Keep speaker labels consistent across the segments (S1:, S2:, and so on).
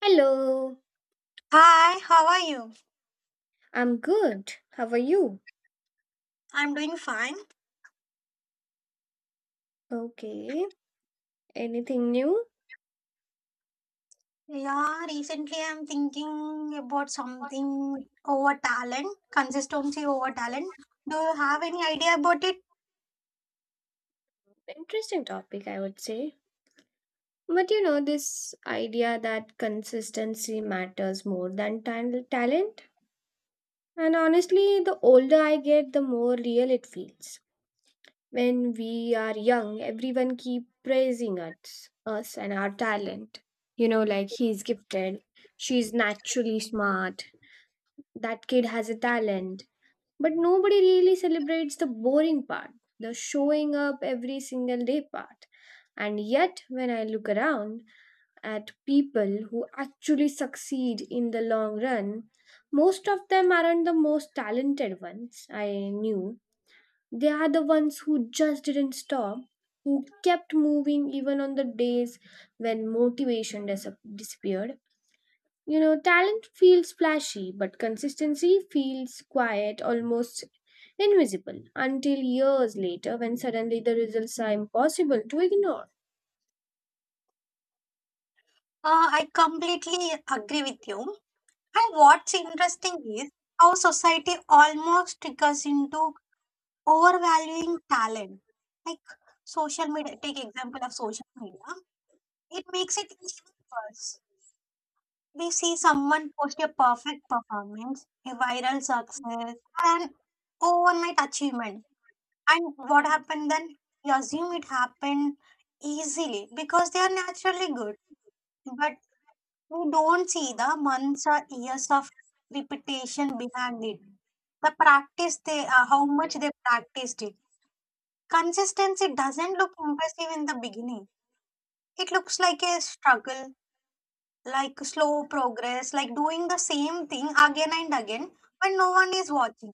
S1: Hello,
S2: Hi, how are you?
S1: I'm good. How are you?
S2: I'm doing fine.
S1: Okay, anything new?
S2: Yeah, recently I'm thinking about something over talent, consistency over talent. Do you have any idea about it?
S1: Interesting topic, I would say. But this idea that consistency matters more than talent. And honestly, the older I get, the more real it feels. When we are young, everyone keep praising us and our talent. Like he's gifted, she's naturally smart, that kid has a talent. But nobody really celebrates the boring part, the showing up every single day part. And yet, when I look around at people who actually succeed in the long run, most of them aren't the most talented ones I knew. They are the ones who just didn't stop, who kept moving even on the days when motivation disappeared. Talent feels flashy, but consistency feels quiet, almost invisible, until years later when suddenly the results are impossible to ignore.
S2: I completely agree with you. And what's interesting is how society almost triggers into overvaluing talent. Like social media, take example of social media. It makes it even worse. We see someone post a perfect performance, a viral success, an overnight achievement. And what happened then? We assume it happened easily because they are naturally good. But we don't see the months or years of repetition behind it. The practice they How much they practiced it. Consistency doesn't look impressive in the beginning. It looks like a struggle, like slow progress, like doing the same thing again and again when no one is watching.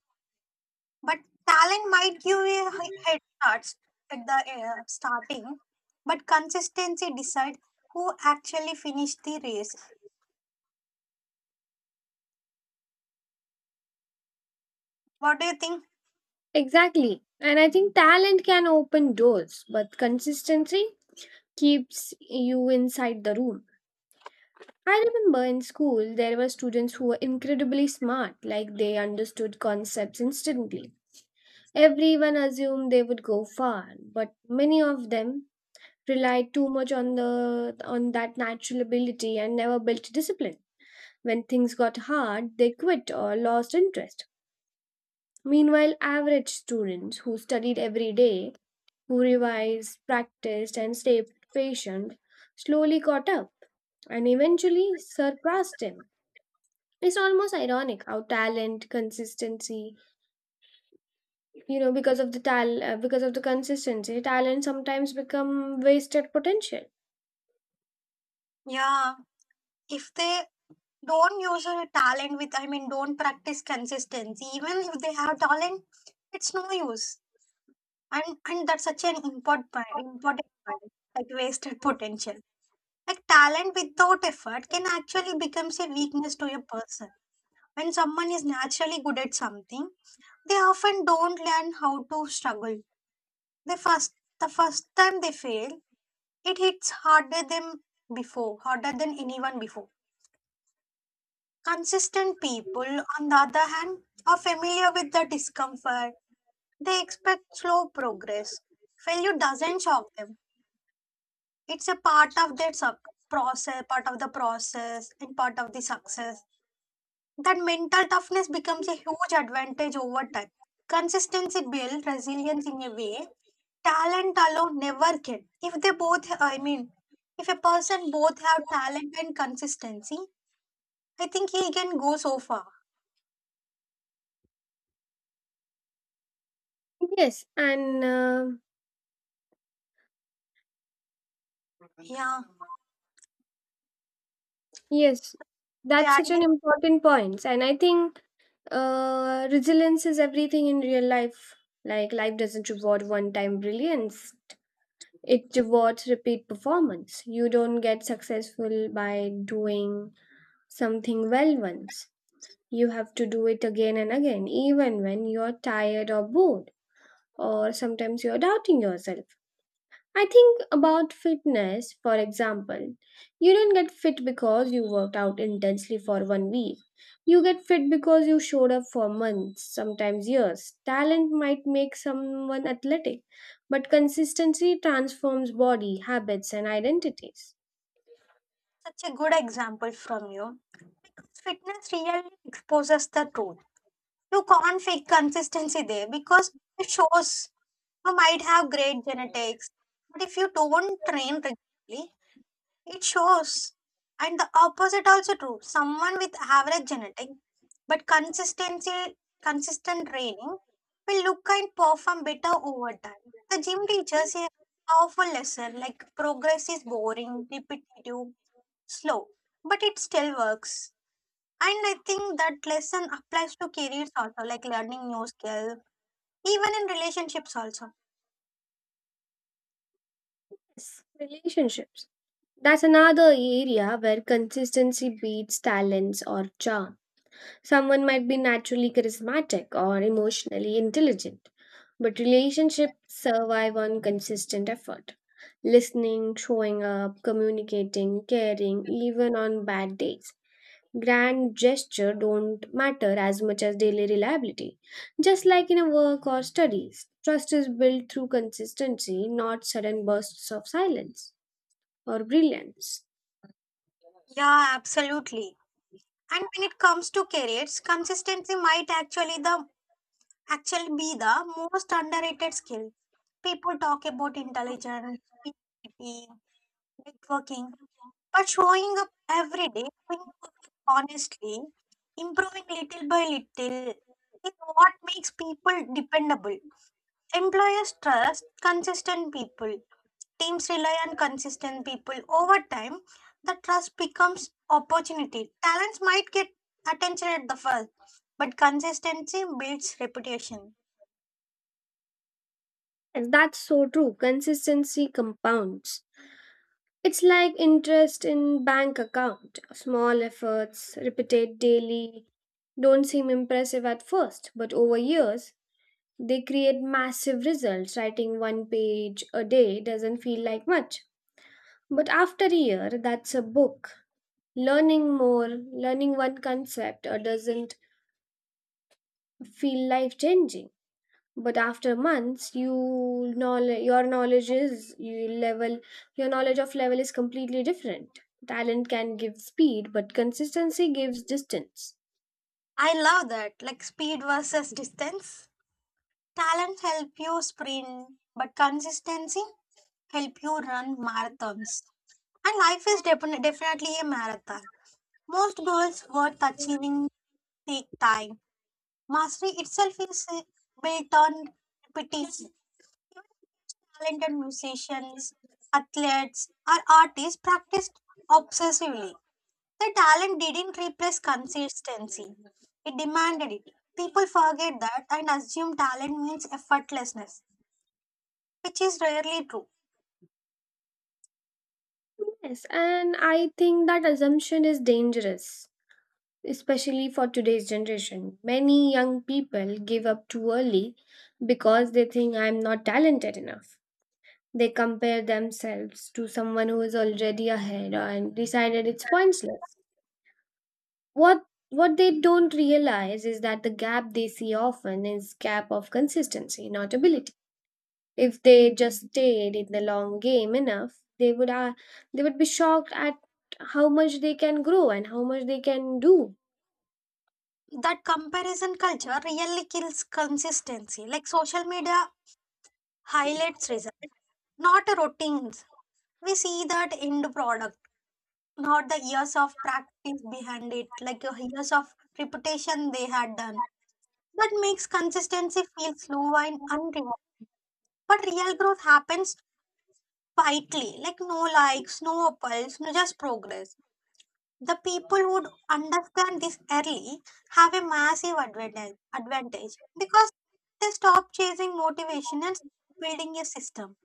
S2: But talent might give you head starts at the starting, but consistency decide who actually finish the race. What do you think?
S1: Exactly. And I think talent can open doors, but consistency keeps you inside the room. I remember in school there were students who were incredibly smart, like they understood concepts instantly. Everyone assumed they would go far, but many of them relied too much on the on that natural ability and never built discipline. When things got hard, they quit or lost interest. Meanwhile, average students who studied every day, who revised, practiced, and stayed patient, slowly caught up and eventually surpassed him. It's almost ironic how talent, consistency, because of the tal because of the consistency, talent sometimes become wasted potential.
S2: Yeah, if they don't use a talent I mean, don't practice consistency, even if they have talent, it's no use. And that's such an important point, like wasted potential. Like talent without effort can actually becomes a weakness to a person. When someone is naturally good at something, they often don't learn how to struggle. The first time they fail, it hits harder than before, harder than anyone before. Consistent people, on the other hand, are familiar with the discomfort. They expect slow progress. Failure doesn't shock them. It's a part of their sub- process, part of the process, and part of the success. That mental toughness becomes a huge advantage over time. Consistency builds resilience in a way talent alone never can. If they both, I mean, if a person both have talent and consistency, I think he can go so far.
S1: Yes, and
S2: Yeah.
S1: yes, that's such
S2: Adding
S1: an important point. And I think resilience is everything in real life. Like, life doesn't reward one time brilliance, it rewards repeat performance. You don't get successful by doing something well once. You have to do it again and again, even when you're tired or bored, or sometimes you're doubting yourself. I think about fitness, for example. You don't get fit because you worked out intensely for one week. You get fit because you showed up for months, sometimes years. Talent might make someone athletic, but consistency transforms body, habits, and identities.
S2: Such a good example from you. Fitness really exposes the truth. You can't fake consistency there because it shows you might have great genetics, but if you don't train regularly, it shows. And the opposite also true. Someone with average genetic but consistency consistent training will look and perform better over time. The gym teaches a powerful lesson, like progress is boring, repetitive, slow, but it still works. And I think that lesson applies to careers also, like learning new skill, even in relationships also.
S1: Yes, relationships. That's another area where consistency beats talents or charm. Someone might be naturally charismatic or emotionally intelligent. But relationships survive on consistent effort. Listening, showing up, communicating, caring, even on bad days. Grand gesture don't matter as much as daily reliability. Just like in a work or studies, trust is built through consistency, not sudden bursts of silence or brilliance.
S2: Yeah, absolutely. And when it comes to careers, consistency might actually be the most underrated skill. People talk about intelligence, creativity, networking, but showing up every day, doing your work honestly, improving little by little is what makes people dependable. Employers trust consistent people. Teams rely on consistent people. Over time, the trust becomes opportunity. Talents might get attention at the first, but consistency builds reputation.
S1: And that's so true. Consistency compounds. It's like interest in bank account. Small efforts, repeated daily, don't seem impressive at first, but over years, they create massive results. Writing one page a day doesn't feel like much. But after a year, that's a book. Learning more, learning one concept, or doesn't feel life changing. But after months, you knowledge your knowledge is you level your knowledge of level is completely different. Talent can give speed, but consistency gives distance.
S2: I love that. Like speed versus distance. Talent help you sprint, but consistency help you run marathons. And life is definitely a marathon. Most goals worth achieving take time. Mastery itself is built on repetition. Even talented musicians, athletes, or artists practiced obsessively. The talent didn't replace consistency, it demanded it. People forget that and assume talent means effortlessness, which is rarely true.
S1: Yes, and I think that assumption is dangerous, especially for today's generation. Many young people give up too early because they think, I'm not talented enough. They compare themselves to someone who is already ahead and decided it's pointless. What what they don't realize is that the gap they see often is gap of consistency, not ability. If they just stayed in the long game enough, they would be shocked at how much they can grow and how much they can do.
S2: That comparison culture really kills consistency. Like social media highlights results, not routines. We see that end product, not the years of practice behind it, like years of reputation they had done. That makes consistency feel slow and unrewarded. But real growth happens quietly, like no likes, no apples, no just progress. The people who would understand this early have a massive advantage because they stop chasing motivation and start building a system.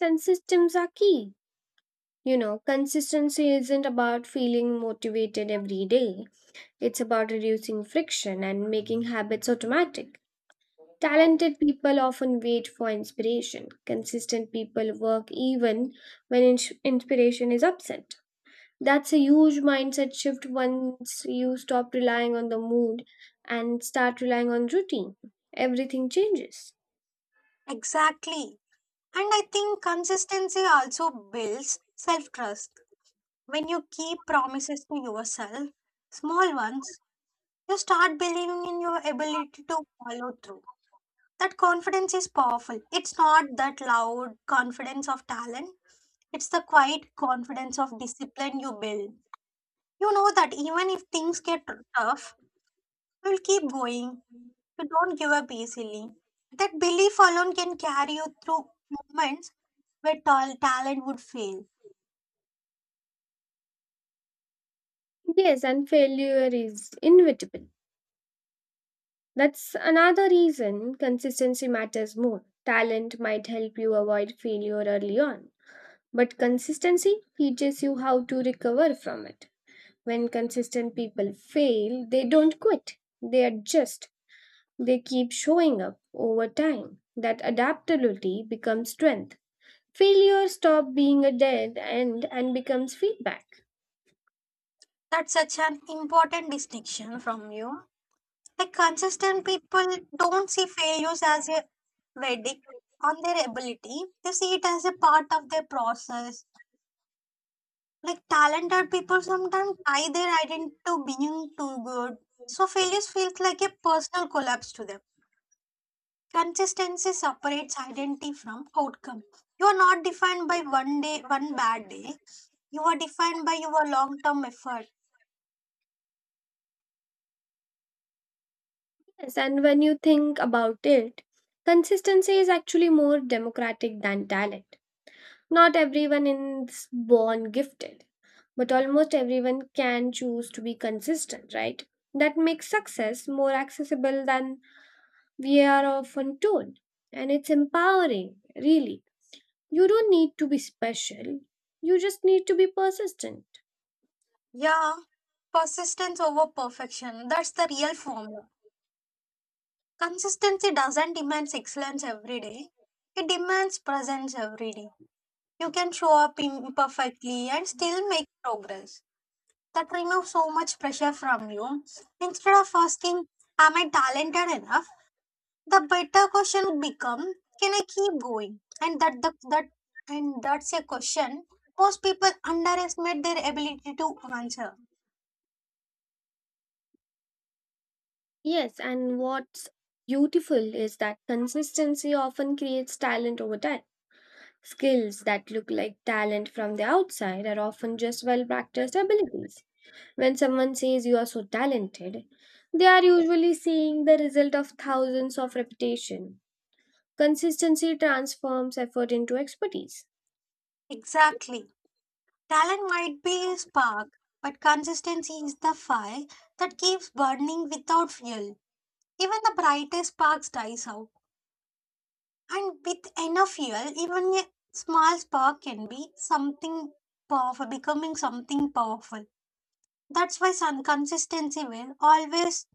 S1: And systems are key. Consistency isn't about feeling motivated every day, it's about reducing friction and making habits automatic. Talented people often wait for inspiration. Consistent people work even when inspiration is absent. That's a huge mindset shift. Once you stop relying on the mood and start relying on routine, everything changes.
S2: Exactly. And I think consistency also builds self trust. When you keep promises to yourself, small ones, you start believing in your ability to follow through. That confidence is powerful. It's not that loud confidence of talent, it's the quiet confidence of discipline you build. You know that even if things get tough, you'll keep going. You don't give up easily. That belief alone can carry you through moments where talent would fail.
S1: Yes, and failure is inevitable. That's another reason consistency matters more. Talent might help you avoid failure early on, but consistency teaches you how to recover from it. When consistent people fail, they don't quit, they adjust, they keep showing up over time. That adaptability becomes strength. Failure stops being a dead end and becomes feedback.
S2: That's such an important distinction from you. Like consistent people don't see failures as a verdict on their ability. They see it as a part of their process. Like talented people sometimes tie their identity to being too good. So failures feels like a personal collapse to them. Consistency separates identity from outcome. You are not defined by one day, one bad day. You are defined by your long term effort.
S1: Yes, and when you think about it, consistency is actually more democratic than talent. Not everyone is born gifted, but almost everyone can choose to be consistent, right? That makes success more accessible than we are often told. And it's empowering, really. You don't need to be special, you just need to be persistent.
S2: Yeah, persistence over perfection. That's the real formula. Consistency doesn't demand excellence every day, it demands presence every day. You can show up imperfectly and still make progress. That removes so much pressure from you. Instead of asking, "Am I talented enough?" the better question would become, "Can I keep going?" And that's a question most people underestimate their ability to answer.
S1: Yes, and what's beautiful is that consistency often creates talent over time. Skills that look like talent from the outside are often just well practiced abilities. When someone says you are so talented, they are usually seeing the result of thousands of repetition. Consistency transforms effort into expertise.
S2: Exactly. Talent might be a spark, but consistency is the fire that keeps burning without fuel. Even the brightest sparks dies out. And with enough fuel, even a small spark can be something powerful, becoming something powerful. That's why some consistency will always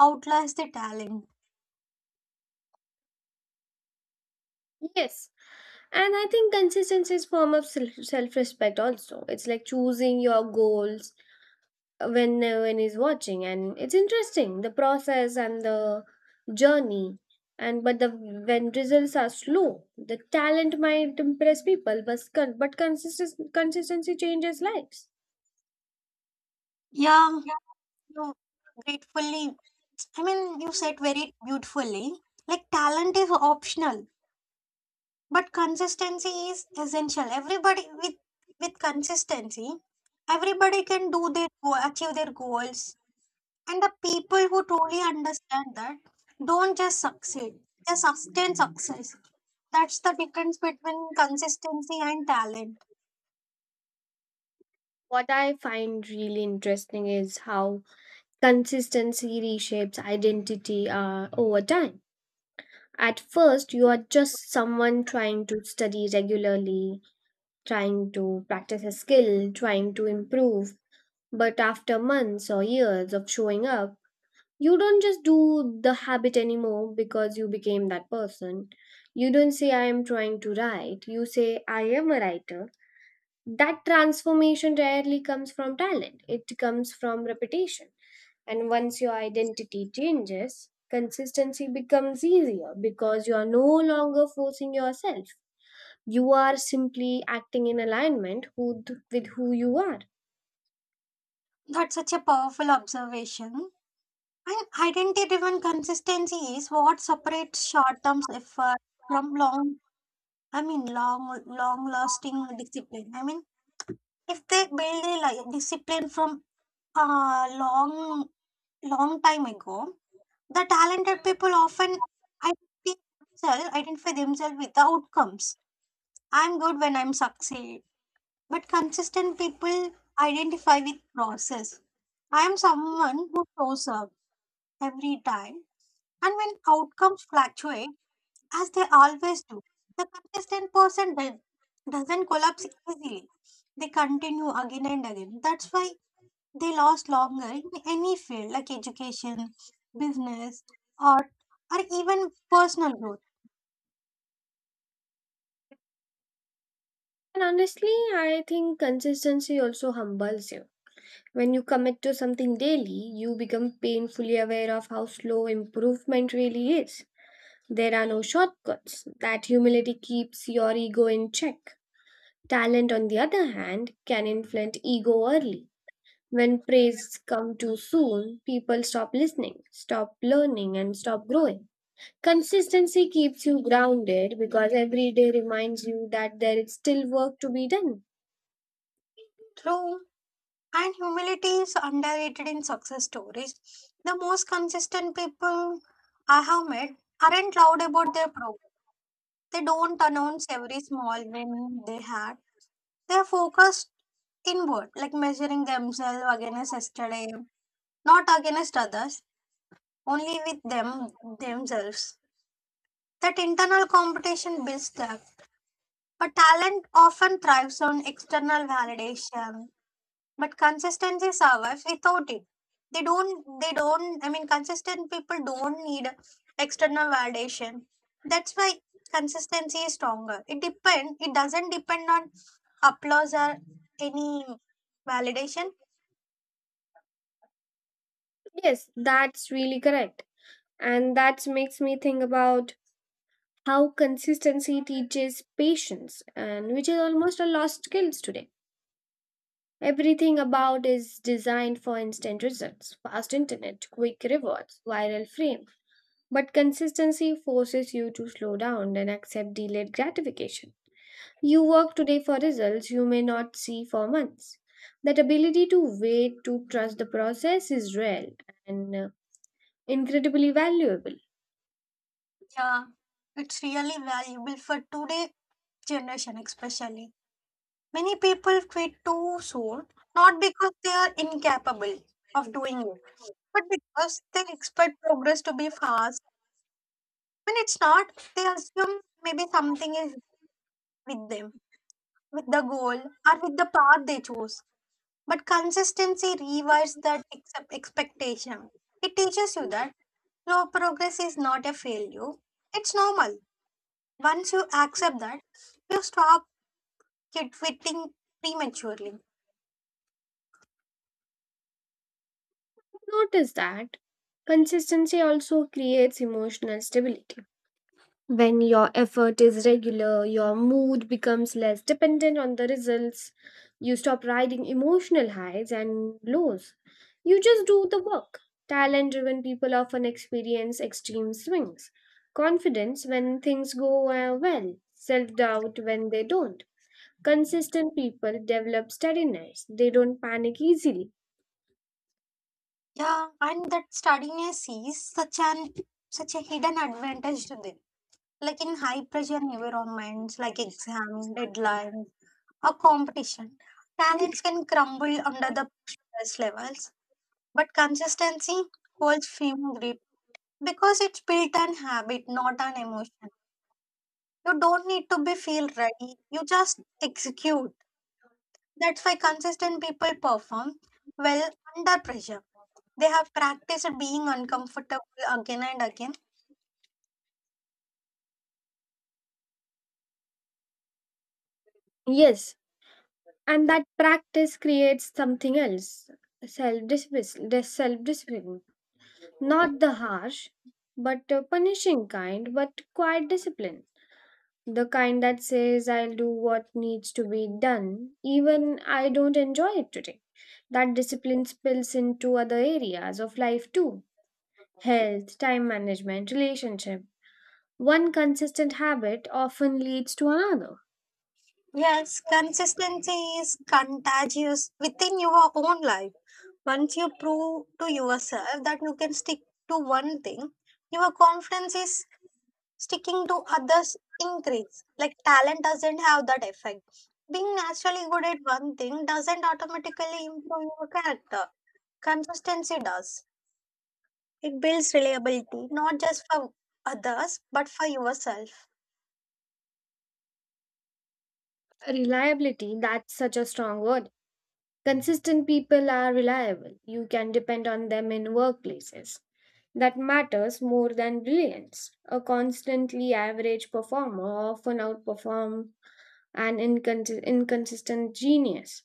S2: outlast the talent.
S1: Yes, and I think consistency is form of self respect also. It's like choosing your goals when no one is watching, and it's interesting the process and the journey. And but the when results are slow, the talent might impress people, but consistency changes lives.
S2: Yeah, you gratefully, I mean, you said very beautifully. Like, talent is optional, but consistency is essential. Everybody with consistency, everybody can do their go achieve their goals. And the people who truly understand that don't just succeed, they sustain success. That's the difference between consistency and talent.
S1: What I find really interesting is how consistency reshapes identity over time. At first, you are just someone trying to study regularly, trying to practice a skill, trying to improve. But after months or years of showing up, you don't just do the habit anymore because you became that person. You don't say, I am trying to write. You say, I am a writer. That transformation rarely comes from talent, it comes from repetition. And once your identity changes, consistency becomes easier because you are no longer forcing yourself. You are simply acting in alignment with who you are.
S2: That's such a powerful observation. And identity driven consistency is what separates short term effort from I mean, long, long lasting discipline. I mean, if they build a discipline from long, long time ago. The talented people often identify themselves with the outcomes. I'm good when I'm succeed. But consistent people identify with process. I am someone who shows up every time. And when outcomes fluctuate, as they always do, the consistent person doesn't collapse easily. They continue again and again. That's why they last longer in any field like education, business, art, or even personal growth.
S1: And honestly, I think consistency also humbles you. When you commit to something daily, you become painfully aware of how slow improvement really is. There are no shortcuts. That humility keeps your ego in check. Talent, on the other hand, can inflate ego early. When praise come too soon, people stop listening, stop learning, and stop growing. Consistency keeps you grounded because every day reminds you that there is still work to be done.
S2: True, and humility is underrated in success stories. The most consistent people I have met aren't loud about their progress. They don't announce every small win they had. They're focused inward, like measuring themselves against yesterday, not against others, only with themselves. That internal competition builds that. A talent often thrives on external validation, but consistency survives without it. They don't, I mean, consistent people don't need external validation. That's why consistency is stronger. It doesn't depend on applause or any validation.
S1: Yes, that's really correct. And that makes me think about how consistency teaches patience and which is almost a lost skills today. Everything about is designed for instant results, fast internet, quick rewards, viral fame. But consistency forces you to slow down and accept delayed gratification. You work today for results you may not see for months. That ability to wait, to trust the process is rare and incredibly valuable.
S2: Yeah, it's really valuable for today generation, especially. Many people quit too soon, not because they are incapable of doing it. But because they expect progress to be fast. When it's not, they assume maybe something is with them, with the goal or with the path they choose. But consistency rewires that accept expectation. It teaches you that slow progress is not a failure. It's normal. Once you accept that, you stop kid quitting prematurely.
S1: Notice that. Consistency also creates emotional stability. When your effort is regular, your mood becomes less dependent on the results. You stop riding emotional highs and lows. You just do the work. Talent driven people often experience extreme swings. Confidence when things go well, self doubt when they don't. Consistent people develop steadiness, they don't panic easily.
S2: Yeah, and that studying cease such a hidden advantage to them. Like in high pressure environments like exam, deadlines, or competition, talents can crumble under the stress levels. But consistency holds firm grip because it's built on habit, not on emotion. You don't need to be feel ready, you just execute. That's why consistent people perform well under pressure. They have practiced being uncomfortable again and again.
S1: Yes, and that practice creates something else self discipline. Not the harsh, but punishing kind, but quiet discipline. The kind that says, I'll do what needs to be done, even I don't enjoy it today. That discipline spills into other areas of life too health, time management, relationship. One consistent habit often leads to another.
S2: Yes, consistency is contagious within your own life. Once you prove to yourself that you can stick to one thing, your confidence is sticking to others increase. Like talent doesn't have that effect. Being naturally good at one thing doesn't automatically improve your character. Consistency does. It builds reliability, not just for others, but for yourself.
S1: Reliability, that's such a strong word. Consistent people are reliable. You can depend on them in workplaces. That matters more than brilliance. A constantly average performer often outperforms an inconsistent genius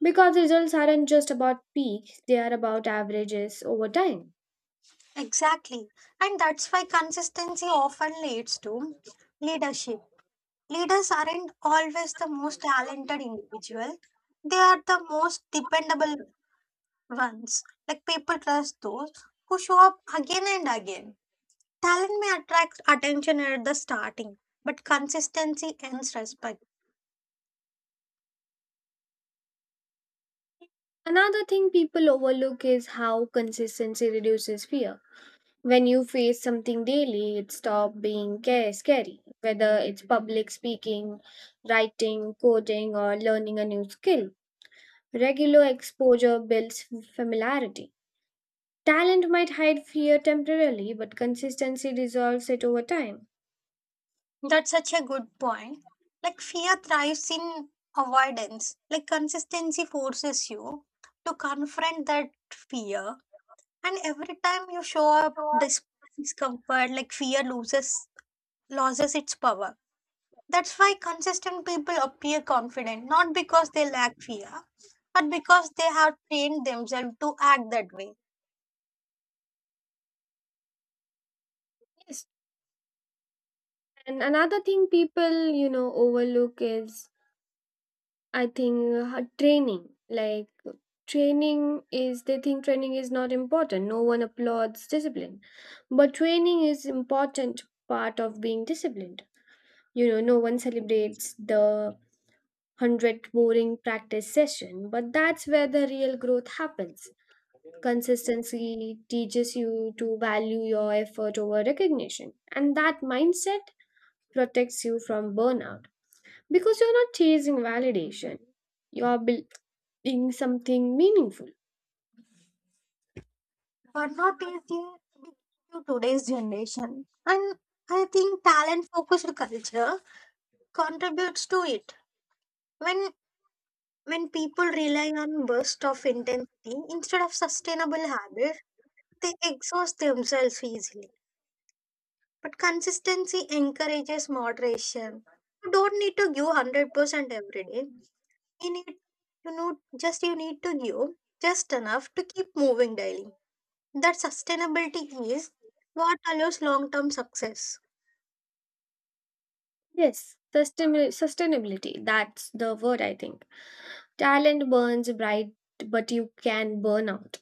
S1: because results aren't just about peaks, they are about averages over time.
S2: Exactly. And that's why consistency often leads to leadership. Leaders aren't always the most talented individual. They are the most dependable ones. Like people trust those who show up again and again. Talent may attract attention at the starting, but consistency earns respect.
S1: Another thing people overlook is how consistency reduces fear. When you face something daily, it stops being scary, whether it's public speaking, writing, coding, or learning a new skill. Regular exposure builds familiarity. Talent might hide fear temporarily, but consistency dissolves it over time.
S2: That's such a good point. Like fear thrives in avoidance. Like consistency forces you to confront that fear. And every time you show up discomfort, like fear loses its power. That's why consistent people appear confident, not because they lack fear, but because they have trained themselves to act that way.
S1: Yes. And another thing people overlook is I think training. Like training is they think training is not important. No one applauds discipline. But training is important part of being disciplined. No one celebrates the 100th boring practice session, but that's where the real growth happens. Consistency teaches you to value your effort over recognition, and that mindset protects you from burnout because you're not chasing validation, you're building something meaningful.
S2: But not easy to today's generation. And I think talent focused culture contributes to it. When when people rely on bursts of intensity instead of sustainable habits, they exhaust themselves easily. But consistency encourages moderation. You don't need to give 100% every day. You need you know you need to give just enough to keep moving daily. That sustainability is what allows long term success.
S1: Yes, sustainability, that's the word I think. Talent burns bright, but you can burn out.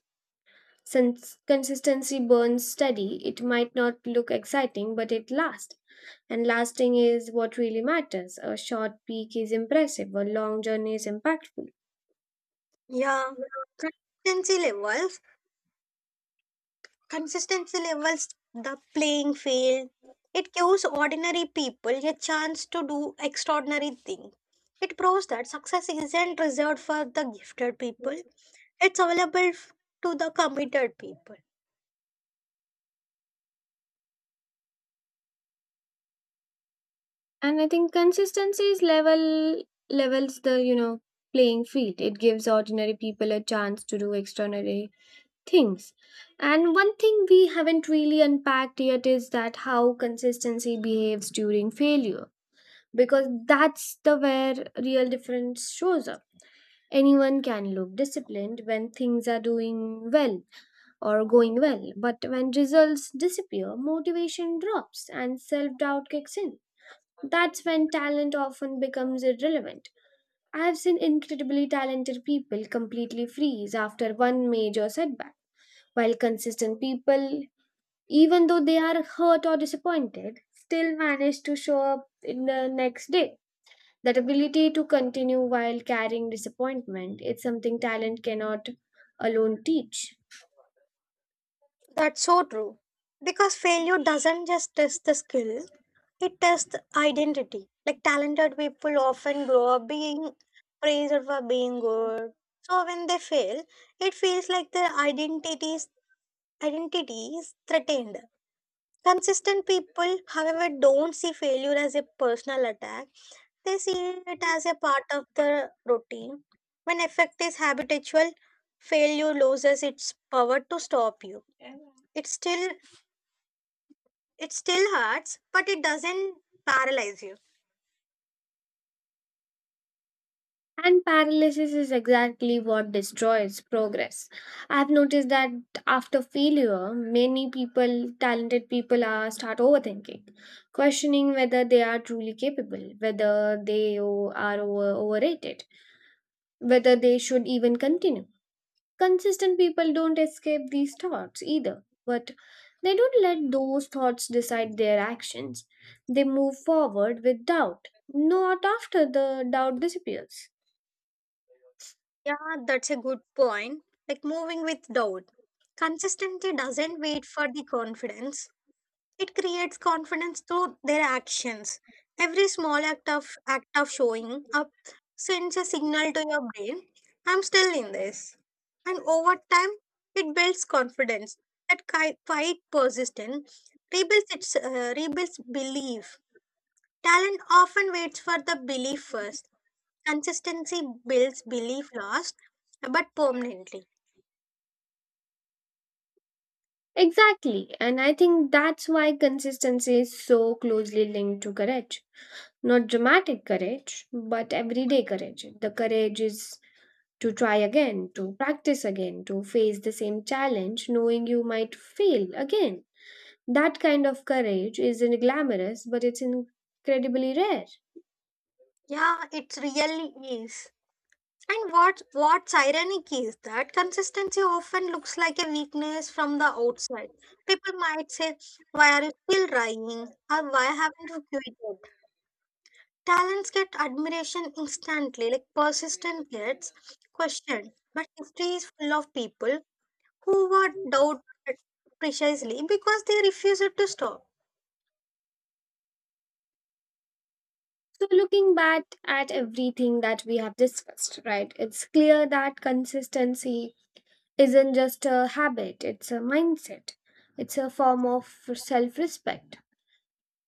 S1: Since consistency burns steady, it might not look exciting, but it lasts. And lasting is what really matters. A short peak is impressive, a long journey is impactful.
S2: Yeah. Consistency levels consistency levels the playing field. It gives ordinary people a chance to do extraordinary things. It proves that success isn't reserved for the gifted people. It's available to the committed people.
S1: And I think consistency is levels the playing field. It gives ordinary people a chance to do extraordinary things. And one thing we haven't really unpacked yet is that how consistency behaves during failure. Because that's the where real difference shows up. Anyone can look disciplined when things are doing well or going well, but when results disappear, motivation drops and self doubt kicks in. That's when talent often becomes irrelevant. I have seen incredibly talented people completely freeze after one major setback, while consistent people, even though they are hurt or disappointed, still manage to show up in the next day. That ability to continue while carrying disappointment, it's something talent cannot alone teach.
S2: That's so true. Because failure doesn't just test the skill, it tests identity. Like talented people often grow up being praised for being good. So when they fail, it feels like their identity is threatened. Consistent people, however, don't see failure as a personal attack. They see it as a part of the routine. When effect is habitual, failure loses its power to stop you. It still it still hurts, but it doesn't paralyze you.
S1: And paralysis is exactly what destroys progress. I've noticed that after failure, many people, talented people, are start overthinking, questioning whether they are truly capable, whether they are overrated, whether they should even continue. Consistent people don't escape these thoughts either, but they don't let those thoughts decide their actions. They move forward with doubt, not after the doubt disappears.
S2: Yeah, that's a good point. Like moving with doubt. Consistency doesn't wait for the confidence. It creates confidence through their actions. Every small act of showing up sends a signal to your brain, I'm still in this. And over time, it builds confidence. That quite persistent rebuilds belief. Talent often waits for the belief first. Consistency builds belief last, but permanently.
S1: Exactly, and I think that's why consistency is so closely linked to courage. Not dramatic courage, but everyday courage. The courage is to try again, to practice again, to face the same challenge, knowing you might fail again. That kind of courage isn't glamorous, but it's incredibly rare.
S2: Yeah, it really is. And what's ironic is that consistency often looks like a weakness from the outside. People might say, "Why are you still trying?" or "Why haven't you quit yet?" Talents get admiration instantly, like persistence gets questioned. But history is full of people who were doubted precisely because they refused to stop.
S1: So, looking back at everything that we have discussed, right, it's clear that consistency isn't just a habit, it's a mindset, it's a form of self respect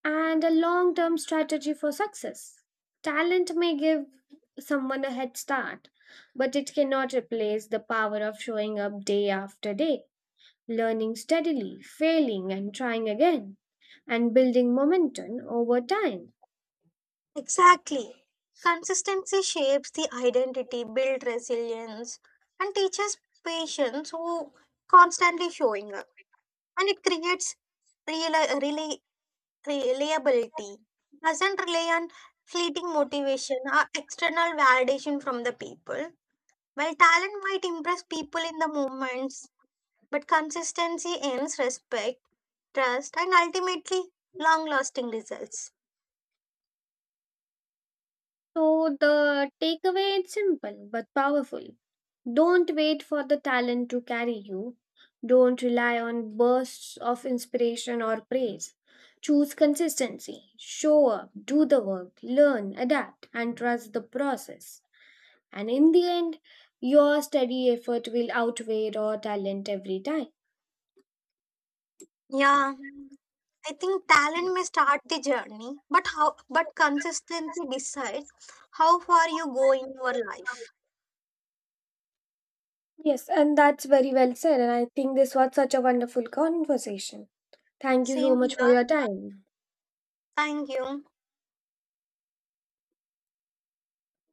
S1: and a long term strategy for success. Talent may give someone a head start, but it cannot replace the power of showing up day after day, learning steadily, failing and trying again, and building momentum over time.
S2: Exactly. Consistency shapes the identity, builds resilience, and teaches patience who constantly showing up. And it creates real, really reliability. Doesn't rely on fleeting motivation or external validation from the people. While talent might impress people in the moments, but consistency earns respect, trust, and ultimately long lasting results.
S1: So, the takeaway is simple but powerful. Don't wait for the talent to carry you. Don't rely on bursts of inspiration or praise. Choose consistency, show up, do the work, learn, adapt, and trust the process. And in the end, your steady effort will outweigh raw talent every time.
S2: Yeah. I think talent may start the journey, but consistency decides how far you go in your life.
S1: Yes, and that's very well said. And I think this was such a wonderful conversation. Thank you so
S2: Same
S1: much for
S2: luck.
S1: your time.
S2: Thank you.